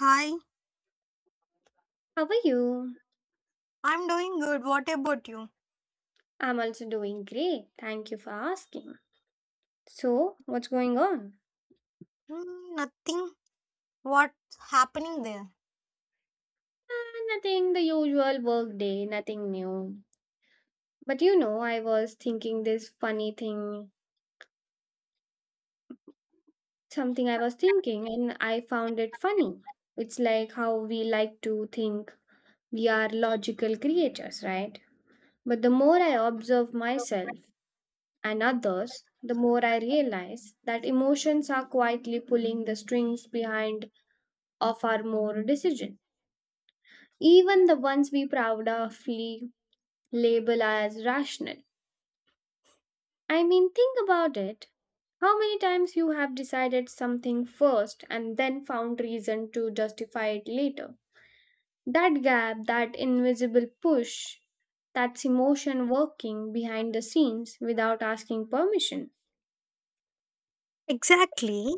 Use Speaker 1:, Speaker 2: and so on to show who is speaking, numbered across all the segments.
Speaker 1: Hi,
Speaker 2: How are you?
Speaker 1: I'm doing good. What about you?
Speaker 2: I'm also doing great. Thank you for asking. So, what's going on?
Speaker 1: Hmm, nothing. What's happening there?
Speaker 2: Ah, nothing, the usual work day, nothing new. But you know, I was thinking this funny thing, something I was thinking, and I found it funny. It's like how we like to think we are logical creatures, right? But the more I observe myself and others, the more I realize that emotions are quietly pulling the strings behind of our more decisions. Even the ones we proudly label as rational. I mean, think about it. How many times you have decided something first and then found reason to justify it later? That gap, that invisible push, that's emotion working behind the scenes without asking permission.
Speaker 1: Exactly.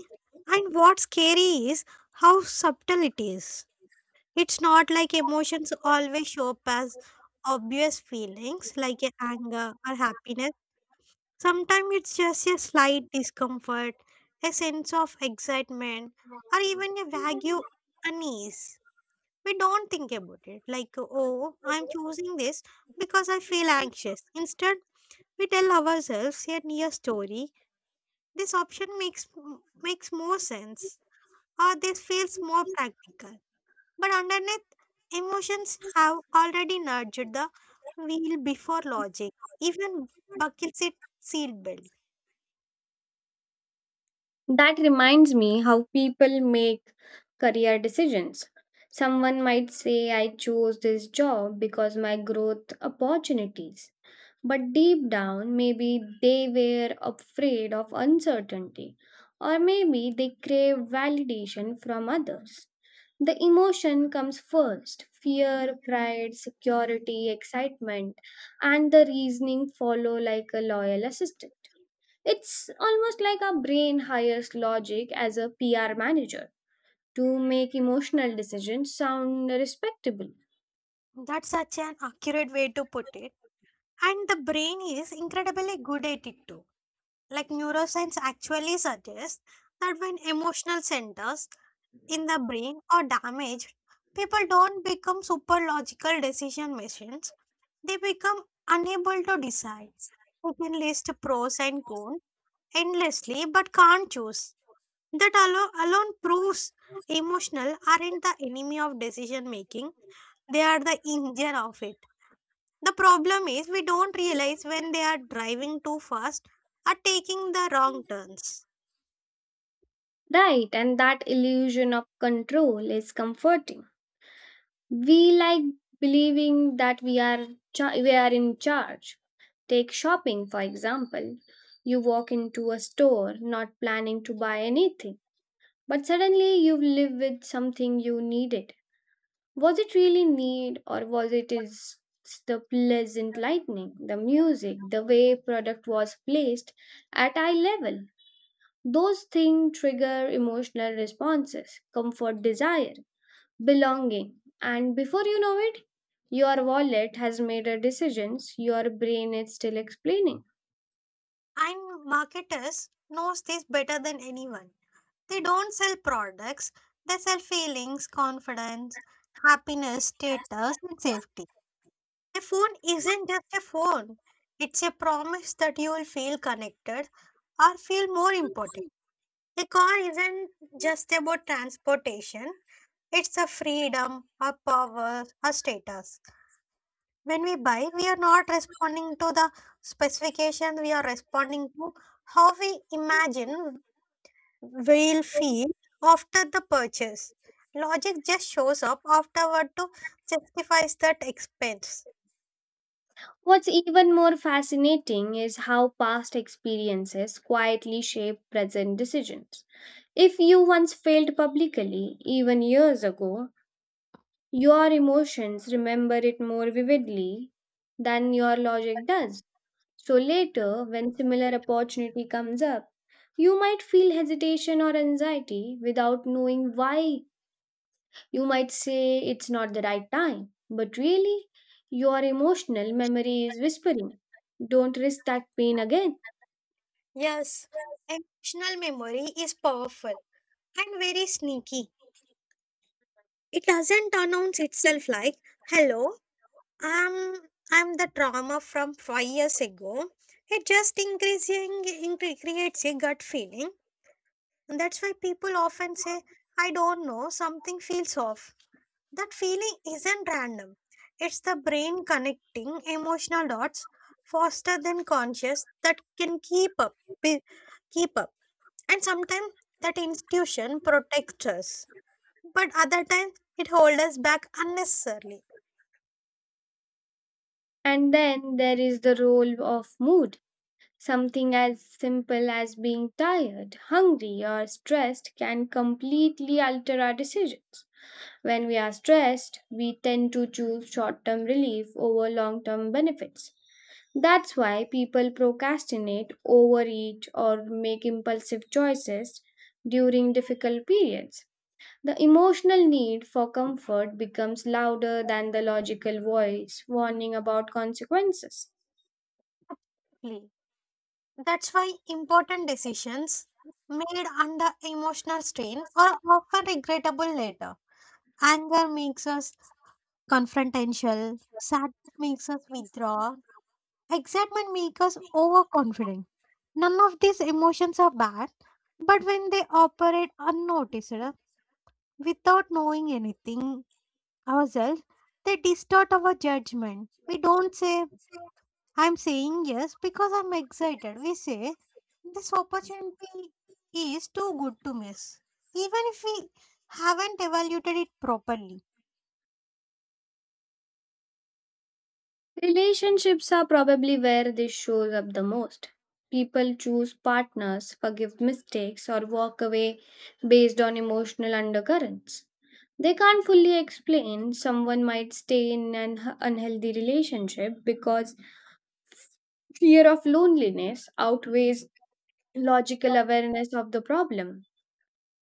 Speaker 1: And what's scary is how subtle it is. It's not like emotions always show up as obvious feelings like a anger or happiness. Sometimes it's just a slight discomfort, a sense of excitement, or even a vague unease. We don't think about it like, oh, I'm choosing this because I feel anxious. Instead, we tell ourselves a near story. This option makes more sense, or this feels more practical. But underneath, emotions have already nudged the wheel before logic. Even buckets it seat belt.
Speaker 2: That reminds me how people make career decisions. Someone might say, I chose this job because my growth opportunities. But deep down, maybe they were afraid of uncertainty, or maybe they craved validation from others. The emotion comes first, fear, pride, security, excitement, and the reasoning follow like a loyal assistant. It's almost like our brain hires logic as a PR manager to make emotional decisions sound respectable.
Speaker 1: That's such an accurate way to put it. And the brain is incredibly good at it too. Like neuroscience actually suggests that when emotional centers in the brain are damaged, people don't become super logical decision machines. They become unable to decide. They can list pros and cons endlessly but can't choose. That alone proves emotional aren't the enemy of decision making, they are the engine of it. The problem is we don't realize when they are driving too fast or taking the wrong turns.
Speaker 2: Right, and that illusion of control is comforting. We like believing that we are we are in charge. Take shopping for example. You walk into a store not planning to buy anything, but suddenly you live with something you needed. Was it really need or was it is the pleasant lightning, the music, the way product was placed at eye level? Those things trigger emotional responses, comfort desire, belonging, and before you know it, your wallet has made a decisions your brain is still explaining.
Speaker 1: And marketers knows this better than anyone. They don't sell products, they sell feelings, confidence, happiness, status, and safety. A phone isn't just a phone. It's a promise that you will feel connected or feel more important. A car isn't just about transportation. It's a freedom, a power, a status. When we buy, we are not responding to the specification, we are responding to how we imagine will feel after the purchase. Logic just shows up afterward to justify that expense.
Speaker 2: What's even more fascinating is how past experiences quietly shape present decisions. If you once failed publicly, even years ago, your emotions remember it more vividly than your logic does. So later, when similar opportunity comes up, you might feel hesitation or anxiety without knowing why. You might say it's not the right time, but really, your emotional memory is whispering, don't risk that pain again.
Speaker 1: Yes, emotional memory is powerful and very sneaky. It doesn't announce itself like, hello, I'm, I'm the trauma from five years ago. It just creates a gut feeling. And that's why people often say, I don't know, something feels off. That feeling isn't random. It's the brain connecting emotional dots faster than conscious that can keep up, be- keep up. And sometimes that institution protects us, but other times it holds us back unnecessarily.
Speaker 2: And then there is the role of mood. Something as simple as being tired, hungry, or stressed can completely alter our decisions. When we are stressed, we tend to choose short term relief over long term benefits. That's why people procrastinate, overeat, or make impulsive choices during difficult periods. The emotional need for comfort becomes louder than the logical voice warning about consequences.
Speaker 1: That's why important decisions made under emotional strain are often regrettable later. Anger makes us confrontational, sadness makes us withdraw, excitement makes us overconfident. None of these emotions are bad, but when they operate unnoticed without knowing anything ourselves, they distort our judgment. We don't say, I'm saying yes because I'm excited. We say, this opportunity is too good to miss, even if we haven't evaluated it properly.
Speaker 2: Relationships are probably where this shows up the most. People choose partners, forgive mistakes, or walk away based on emotional undercurrents. They can't fully explain. Someone might stay in an unhealthy relationship because fear of loneliness outweighs logical awareness of the problem.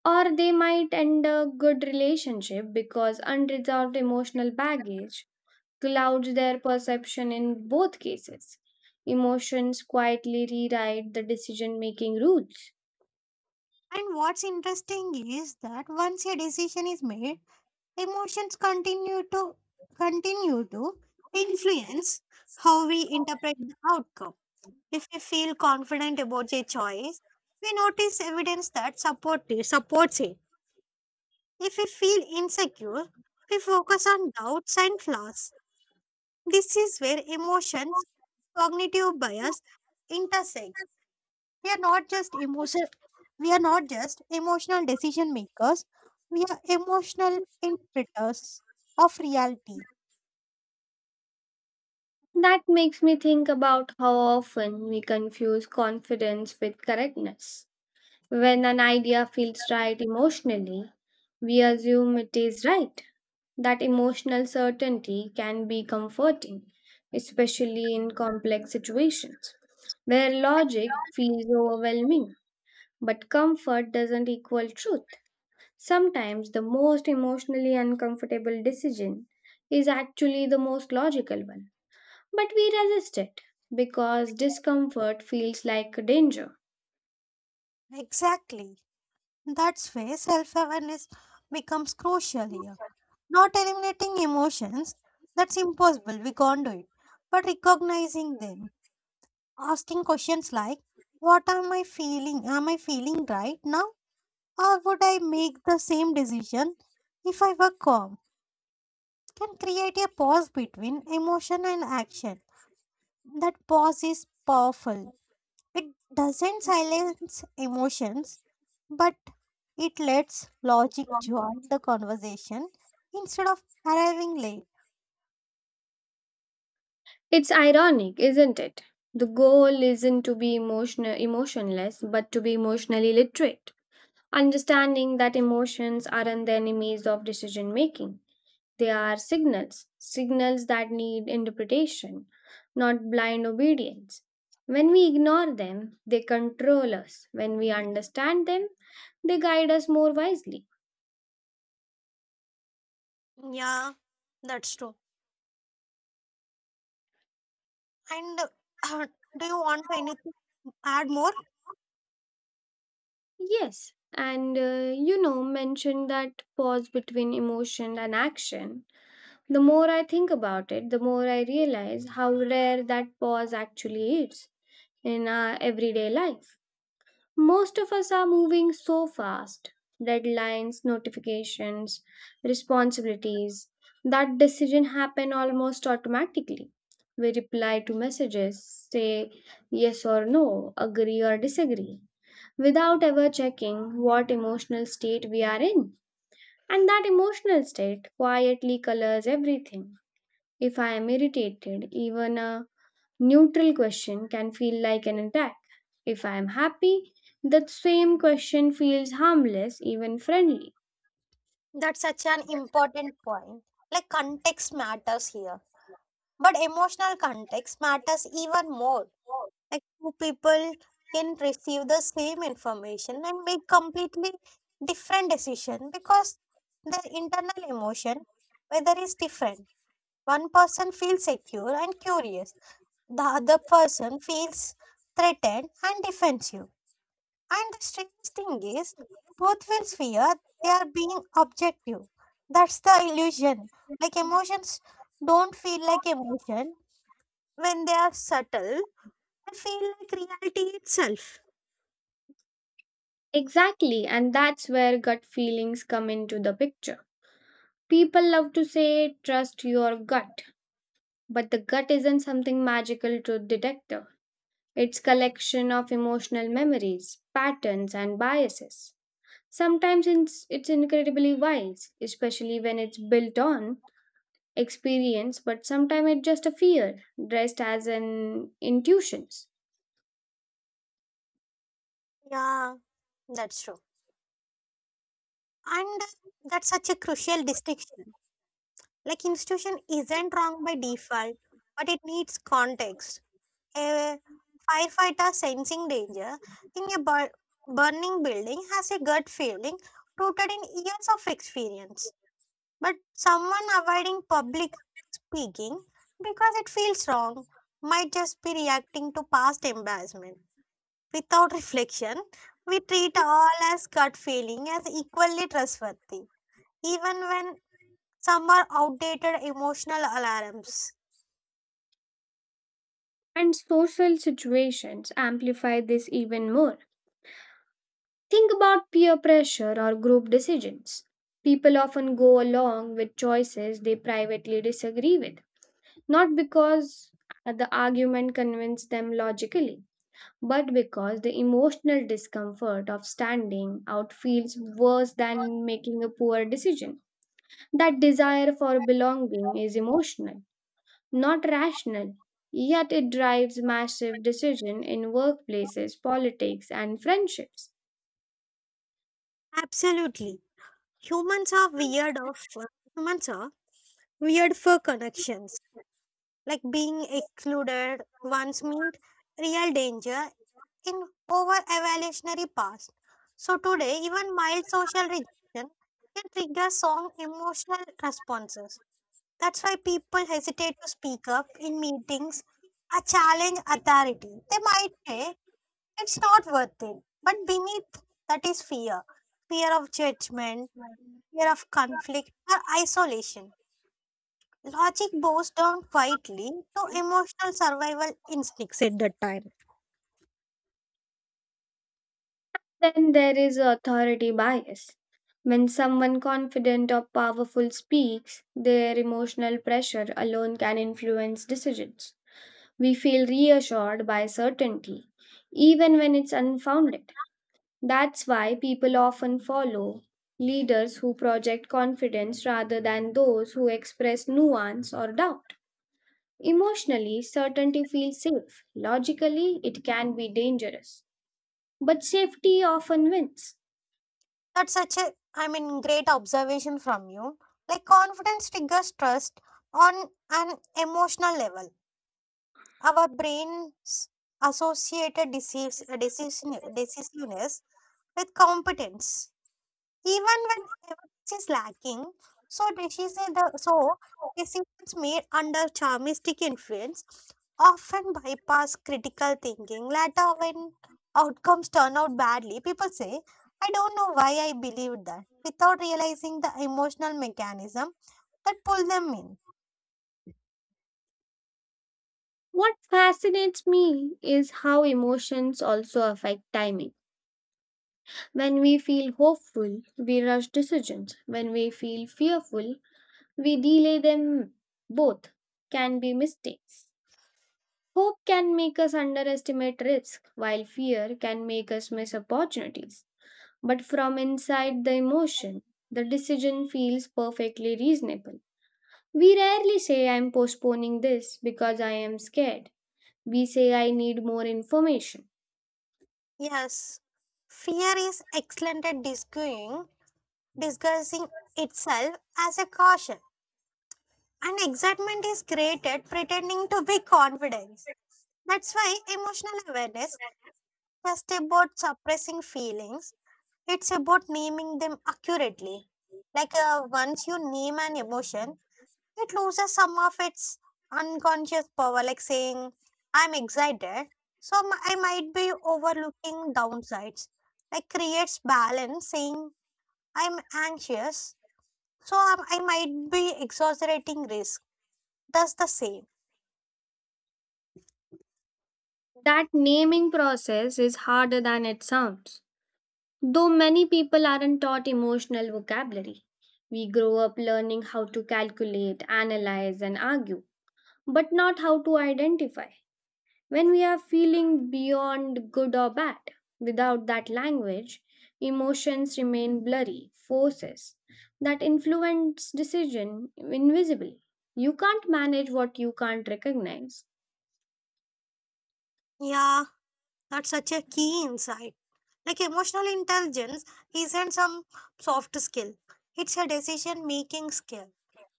Speaker 2: Or they might end a good relationship because unresolved emotional baggage clouds their perception in both cases. Emotions quietly rewrite the decision making rules.
Speaker 1: And what's interesting is that once a decision is made, emotions continue to influence how we interpret the outcome. If we feel confident about a choice, we notice evidence supports it. If we feel insecure, we focus on doubts and flaws. This is where emotions, cognitive bias intersect. We are not just emotion we are not just emotional decision makers, we are emotional interpreters of reality.
Speaker 2: That makes me think about how often we confuse confidence with correctness. When an idea feels right emotionally, we assume it is right. That emotional certainty can be comforting, especially in complex situations where logic feels overwhelming. But comfort doesn't equal truth. Sometimes the most emotionally uncomfortable decision is actually the most logical one, but we resist it because discomfort feels like danger.
Speaker 1: Exactly. That's where self awareness becomes crucial here. Not eliminating emotions, that's impossible, we can't do it. But recognizing them, asking questions like, What am I feeling? Am I feeling right now? Or would I make the same decision if I were calm? Can create a pause between emotion and action. That pause is powerful. It doesn't silence emotions, but it lets logic join the conversation instead of arriving late.
Speaker 2: It's ironic, isn't it? The goal isn't to be emotional emotionless, but to be emotionally literate, understanding that emotions aren't the enemies of decision making. They are signals, signals that need interpretation, not blind obedience. When we ignore them, they control us. When we understand them, they guide us more wisely.
Speaker 1: Yeah, that's true. And uh, do you want to anything add more?
Speaker 2: Yes, and you know, mention that pause between emotion and action. The more I think about it, the more I realize how rare that pause actually is in our everyday life. Most of us are moving so fast, deadlines, notifications, responsibilities, that decision happen almost automatically. We reply to messages, say yes or no, agree or disagree, without ever checking what emotional state we are in. And that emotional state quietly colors everything. If I am irritated, even a neutral question can feel like an attack. If I am happy, that same question feels harmless, even friendly.
Speaker 1: That's such an important point. Like context matters here, but emotional context matters even more. Like two people can receive the same information and make completely different decision because their internal emotion, whether is different. One person feels secure and curious, the other person feels threatened and defensive. And the strange thing is, both will fear they are being objective. That's the illusion. Like emotions don't feel like emotion when they are subtle, they feel like reality itself.
Speaker 2: Exactly, and that's where gut feelings come into the picture. People love to say, trust your gut, but the gut isn't something magical truth detector. It's collection of emotional memories, patterns, and biases. Sometimes it's incredibly wise, especially when it's built on experience, but sometimes it's just a fear dressed as an intuitions.
Speaker 1: Yeah, that's true. And that's such a crucial distinction. Like institution isn't wrong by default, but it needs context. A firefighter sensing danger in a burning building has a gut feeling rooted in years of experience. But someone avoiding public speaking because it feels wrong might just be reacting to past embarrassment. Without reflection, we treat all as gut feeling as equally trustworthy, even when some are outdated emotional alarms.
Speaker 2: And social situations amplify this even more. Think about peer pressure or group decisions. People often go along with choices they privately disagree with, not because the argument convinced them logically, but because the emotional discomfort of standing out feels worse than making a poor decision. That desire for belonging is emotional, not rational. Yet it drives massive decision in workplaces, politics, and friendships.
Speaker 1: Absolutely. Humans are weird of humans are weird for connections, like being excluded once meant real danger in over evolutionary past. So today, even mild social rejection can trigger strong emotional responses. That's why people hesitate to speak up in meetings or challenge authority. They might say it's not worth it, but beneath that is fear of judgment, fear of conflict, or isolation. Logic bows down quietly to emotional survival instincts at that time.
Speaker 2: Then there is authority bias. When someone confident or powerful speaks, their emotional pressure alone can influence decisions. We feel reassured by certainty, even when it's unfounded. That's why people often follow leaders who project confidence rather than those who express nuance or doubt. Emotionally, certainty feels safe. Logically, it can be dangerous. But safety often wins.
Speaker 1: That's such a, I mean, great observation from you. Like confidence triggers trust on an emotional level. Our brains associated decisiveness with competence. Even when evidence is lacking. So decisions made under charmistic influence often bypass critical thinking. Later, when outcomes turn out badly, people say, "I don't know why I believed that," without realizing the emotional mechanism that pulled them in.
Speaker 2: What fascinates me is how emotions also affect timing. When we feel hopeful, we rush decisions. When we feel fearful, we delay them. Both can be mistakes. Hope can make us underestimate risk, while fear can make us miss opportunities. But from inside the emotion, the decision feels perfectly reasonable. We rarely say, I'm postponing this because I am scared. We say, I need more information.
Speaker 1: Yes, fear is excellent at disguising itself as a caution, and excitement is created pretending to be confidence. That's why emotional awareness just about suppressing feelings. It's about naming them accurately. Like once you name an emotion, it loses some of its unconscious power. Like saying, "I'm excited," so I might be overlooking downsides. Like creates balance. Saying, "I'm anxious," so I might be exaggerating risk. That's the same.
Speaker 2: That naming process is harder than it sounds. Though many people aren't taught emotional vocabulary, we grow up learning how to calculate, analyze, and argue, but not how to identify when we are feeling beyond good or bad. Without that language, emotions remain blurry forces that influence decision invisibly. You can't manage what you can't recognize.
Speaker 1: Yeah, that's such a key insight. Like emotional intelligence isn't some soft skill. It's a decision making skill.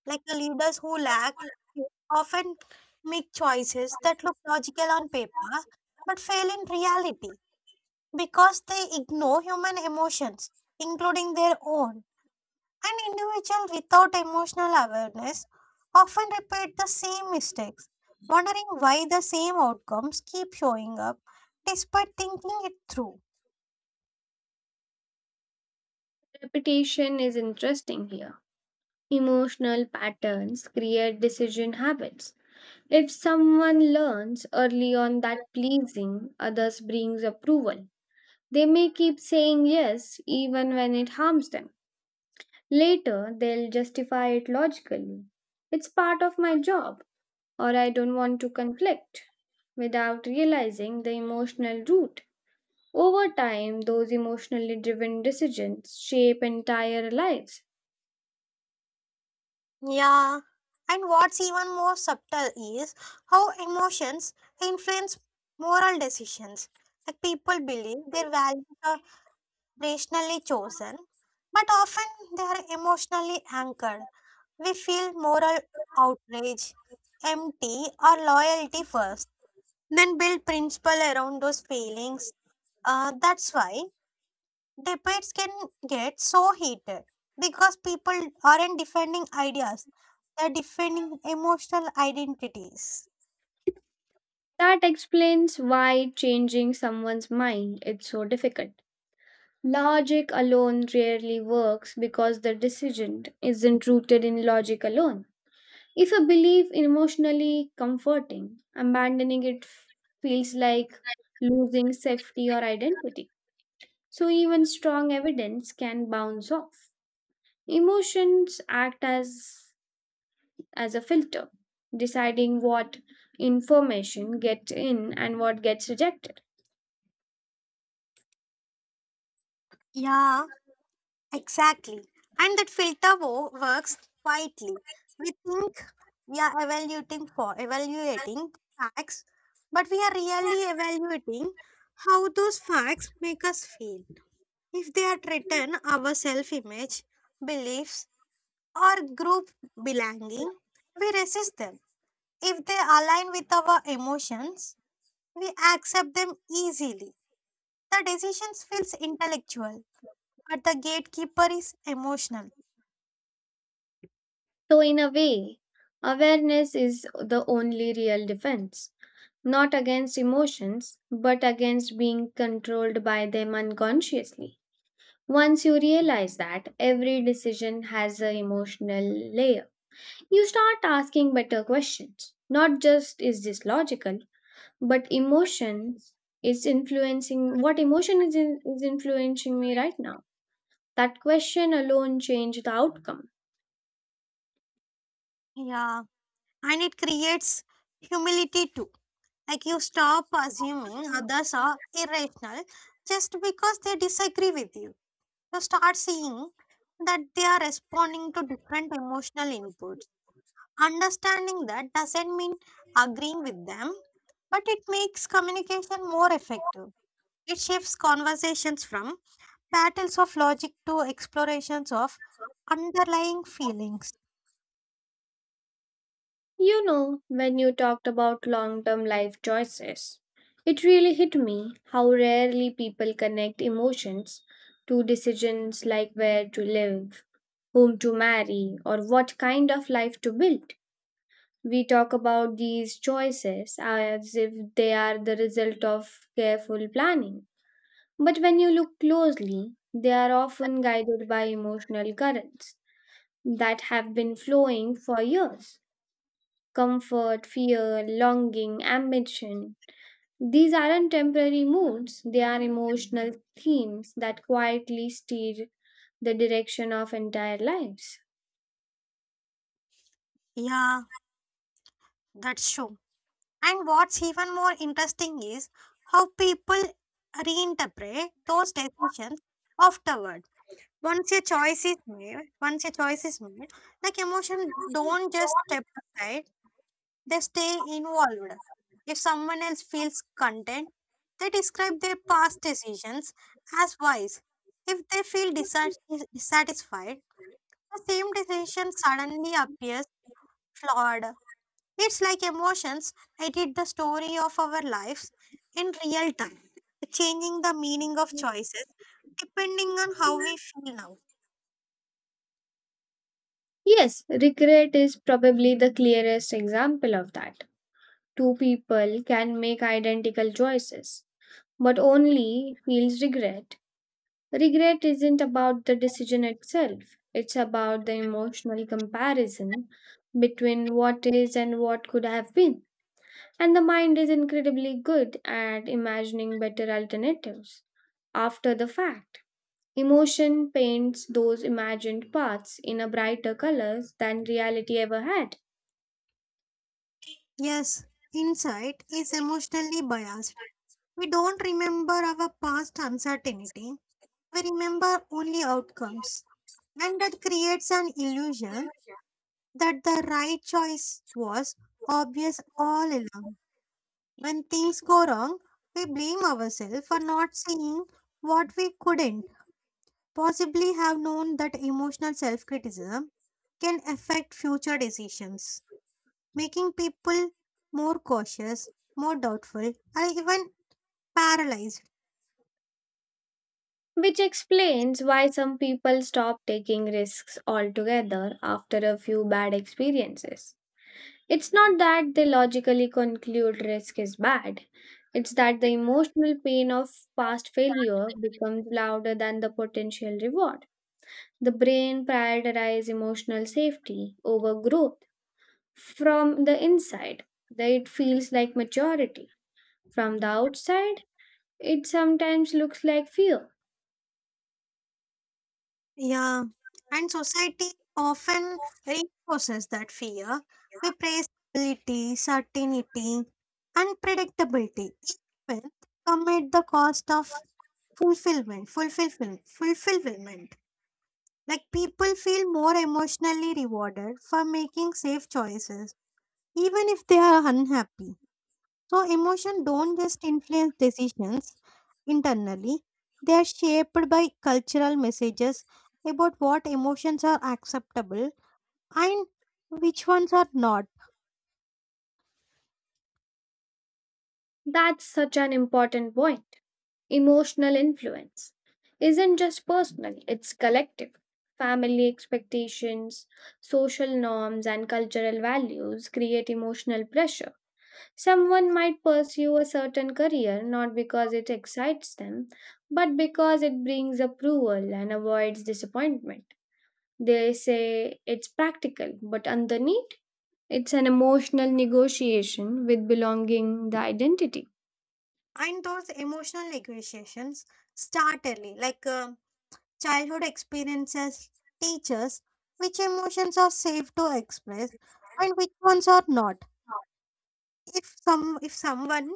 Speaker 1: Like the leaders who lack it often make choices that look logical on paper but fail in reality because they ignore human emotions, including their own. An individual without emotional awareness often repeat the same mistakes, wondering why the same outcomes keep showing up despite thinking it through.
Speaker 2: Repetition is interesting here. Emotional patterns create decision habits. If someone learns early on that pleasing others brings approval, they may keep saying yes even when it harms them. Later, they'll justify it logically. It's part of my job, or I don't want to conflict, without realizing the emotional root. Over time, those emotionally driven decisions shape entire lives.
Speaker 1: Yeah, and what's even more subtle is how emotions influence moral decisions. Like people believe their values are rationally chosen, but often they are emotionally anchored. We feel moral outrage, empty, or loyalty first, then build principle around those feelings. That's why debates can get so heated because people aren't defending ideas, they're defending emotional identities.
Speaker 2: That explains why changing someone's mind is so difficult. Logic alone rarely works because the decision isn't rooted in logic alone. If a belief is emotionally comforting, abandoning it feels like losing safety or identity. So even strong evidence can bounce off. Emotions act as a filter, deciding what information gets in and what gets rejected.
Speaker 1: Yeah, exactly. And that filter works quietly. We think we are evaluating for evaluating facts, but we are really evaluating how those facts make us feel. If they are threaten our self-image, beliefs, or group belonging, we resist them. If they align with our emotions, we accept them easily. The decisions feels intellectual, but the gatekeeper is emotional.
Speaker 2: So in a way, awareness is the only real defense, not against emotions, but against being controlled by them unconsciously. Once you realize that every decision has an emotional layer, you start asking better questions. Not just is this logical, but emotions is influencing what emotion is influencing me right now. That question alone changed the outcome.
Speaker 1: Yeah, and it creates humility too. Like you stop assuming others are irrational just because they disagree with you. You start seeing that they are responding to different emotional inputs. Understanding that doesn't mean agreeing with them, but it makes communication more effective. It shifts conversations from battles of logic to explorations of underlying feelings.
Speaker 2: You know, when you talked about long term life choices, it really hit me how rarely people connect emotions to decisions like where to live, whom to marry, or what kind of life to build. We talk about these choices as if they are the result of careful planning. But when you look closely, they are often guided by emotional currents that have been flowing for years, comfort, fear, longing, ambition. These aren't temporary moods, they are emotional themes that quietly steer the direction of entire lives.
Speaker 1: Yeah, that's true. And what's even more interesting is how people reinterpret those decisions afterward. Once your choice is made, once your choice is made, like emotion don't just step aside, they stay involved. If someone else feels content, they describe their past decisions as wise. If they feel dissatisfied, the same decision suddenly appears flawed. It's like emotions edit the story of our lives in real time, changing the meaning of choices depending on how we feel now.
Speaker 2: Yes, regret is probably the clearest example of that. Two people can make identical choices, but only feels regret. Regret isn't about the decision itself, it's about the emotional comparison between what is and what could have been. And the mind is incredibly good at imagining better alternatives after the fact. Emotion paints those imagined paths in a brighter colors than reality ever had,
Speaker 1: Yes, insight is emotionally biased. We don't remember our past uncertainty, we remember only outcomes, and that creates an illusion that the right choice was obvious all along. When things go wrong, we blame ourselves for not seeing what we couldn't possibly have known. That emotional self criticism can affect future decisions, making people more cautious, more doubtful, and even paralyzed.
Speaker 2: which explains why some people stop taking risks altogether after a few bad experiences. It's not that they logically conclude risk is bad, it's that the emotional pain of past failure becomes louder than the potential reward. The brain prioritizes emotional safety over growth. From the inside, it feels like maturity. From the outside, it sometimes looks like fear.
Speaker 1: Yeah, and society often reinforces that fear. We praise stability, certainty, and predictability, even commit the cost of fulfillment. Like people feel more emotionally rewarded for making safe choices, even if they are unhappy. So emotion don't just influence decisions; internally, they are shaped by cultural messages about what emotions are acceptable and which ones are not.
Speaker 2: That's such an important point. Emotional influence isn't just personal, it's collective. Family expectations, social norms, and cultural values create emotional pressure. Someone might pursue a certain career not because it excites them, but because it brings approval and avoids disappointment. They say it's practical, but underneath, it's an emotional negotiation with belonging, the identity.
Speaker 1: And those emotional negotiations start early, like childhood experiences teach us which emotions are safe to express and which ones are not. If someone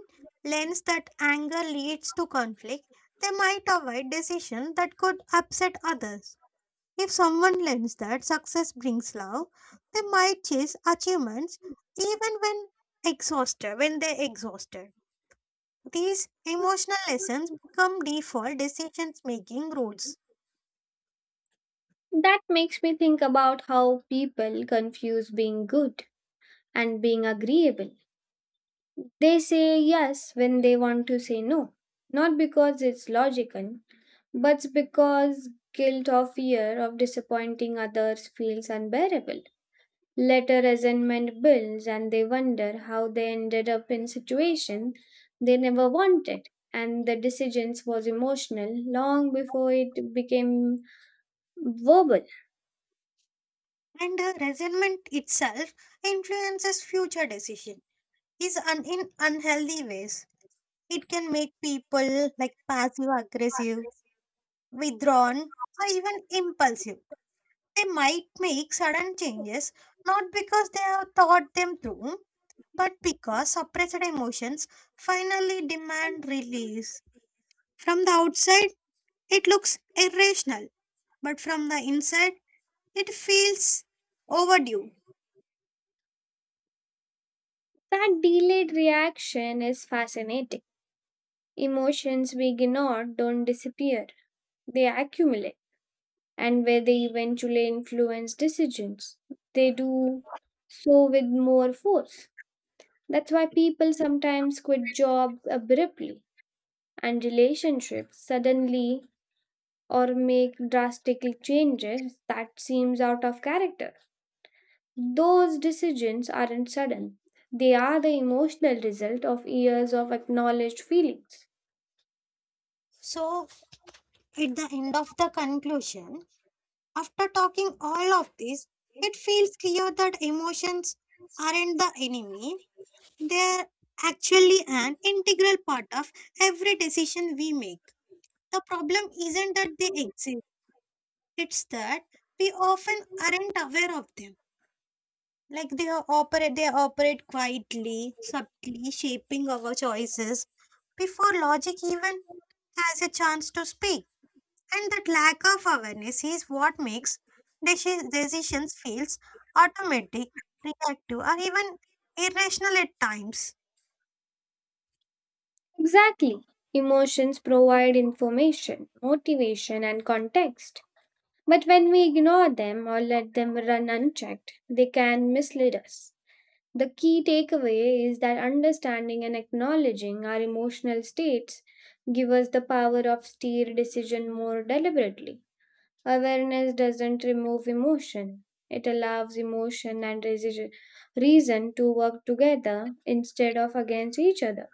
Speaker 1: learns that anger leads to conflict, they might avoid decisions that could upset others. If someone learns that success brings love, they might chase achievements even when when they're exhausted. These emotional lessons become default decisions making rules.
Speaker 2: That makes me think about how people confuse being good and being agreeable. They say yes when they want to say no, not because it's logical, but because guilt or fear of disappointing others feels unbearable. Later, resentment builds, and they wonder how they ended up in situation they never wanted. And the decisions was emotional long before it became verbal.
Speaker 1: And resentment itself influences future decision is in unhealthy ways. It can make people like passive aggressive, withdrawn, or even impulsive. They might make sudden changes not because they have thought them through, but because suppressed emotions finally demand release. From the outside, it looks irrational, but from the inside, it feels overdue.
Speaker 2: That delayed reaction is fascinating. Emotions we ignore don't disappear; they accumulate and where they eventually influence decisions. They do so with more force. That's why people sometimes quit jobs abruptly and relationships suddenly or make drastic changes that seems out of character. Those decisions aren't sudden. They are the emotional result of years of acknowledged feelings.
Speaker 1: So, at the end of the conclusion, after talking all of this, it feels clear that emotions aren't the enemy, they're actually an integral part of every decision we make. The problem isn't that they exist, it's that we often aren't aware of them. Like they operate quietly, subtly, shaping our choices before logic even has a chance to speak. And that lack of awareness is what makes decisions feels automatic, reactive, or even irrational at times.
Speaker 2: Exactly. Emotions provide information, motivation, and context. But when we ignore them or let them run unchecked, they can mislead us. The key takeaway is that understanding and acknowledging our emotional states give us the power of steer decision more deliberately. Awareness doesn't remove emotion. It allows emotion and reason to work together instead of against each other.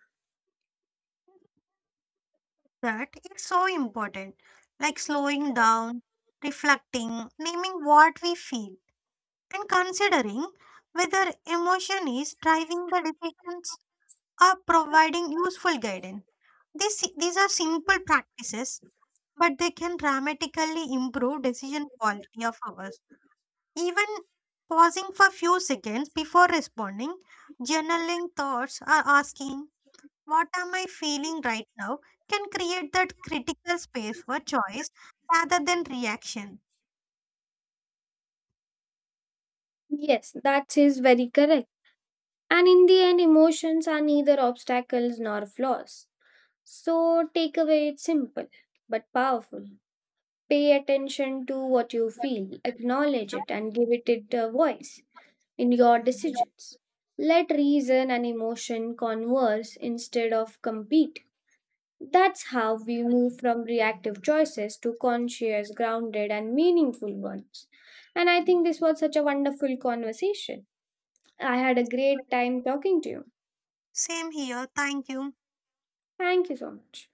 Speaker 1: That it's so important. Like slowing down, reflecting, naming what we feel and considering whether emotion is driving the decisions or providing useful guidance. These are simple practices, but they can dramatically improve decision quality of ours. Even pausing for few seconds before responding, journaling thoughts, or asking, What am I feeling right now? Can create that critical space for choice rather than reaction.
Speaker 2: Yes, that is very correct. And in the end, emotions are neither obstacles nor flaws. So, takeaway it's simple but powerful. Pay attention to what you feel, acknowledge it, and give it a voice in your decisions. Let reason and emotion converse instead of compete. That's how we move from reactive choices to conscious, grounded, and meaningful ones. And I think this was such a wonderful conversation. I had a great time talking to you.
Speaker 1: Same here. Thank you.
Speaker 2: Thank you so much.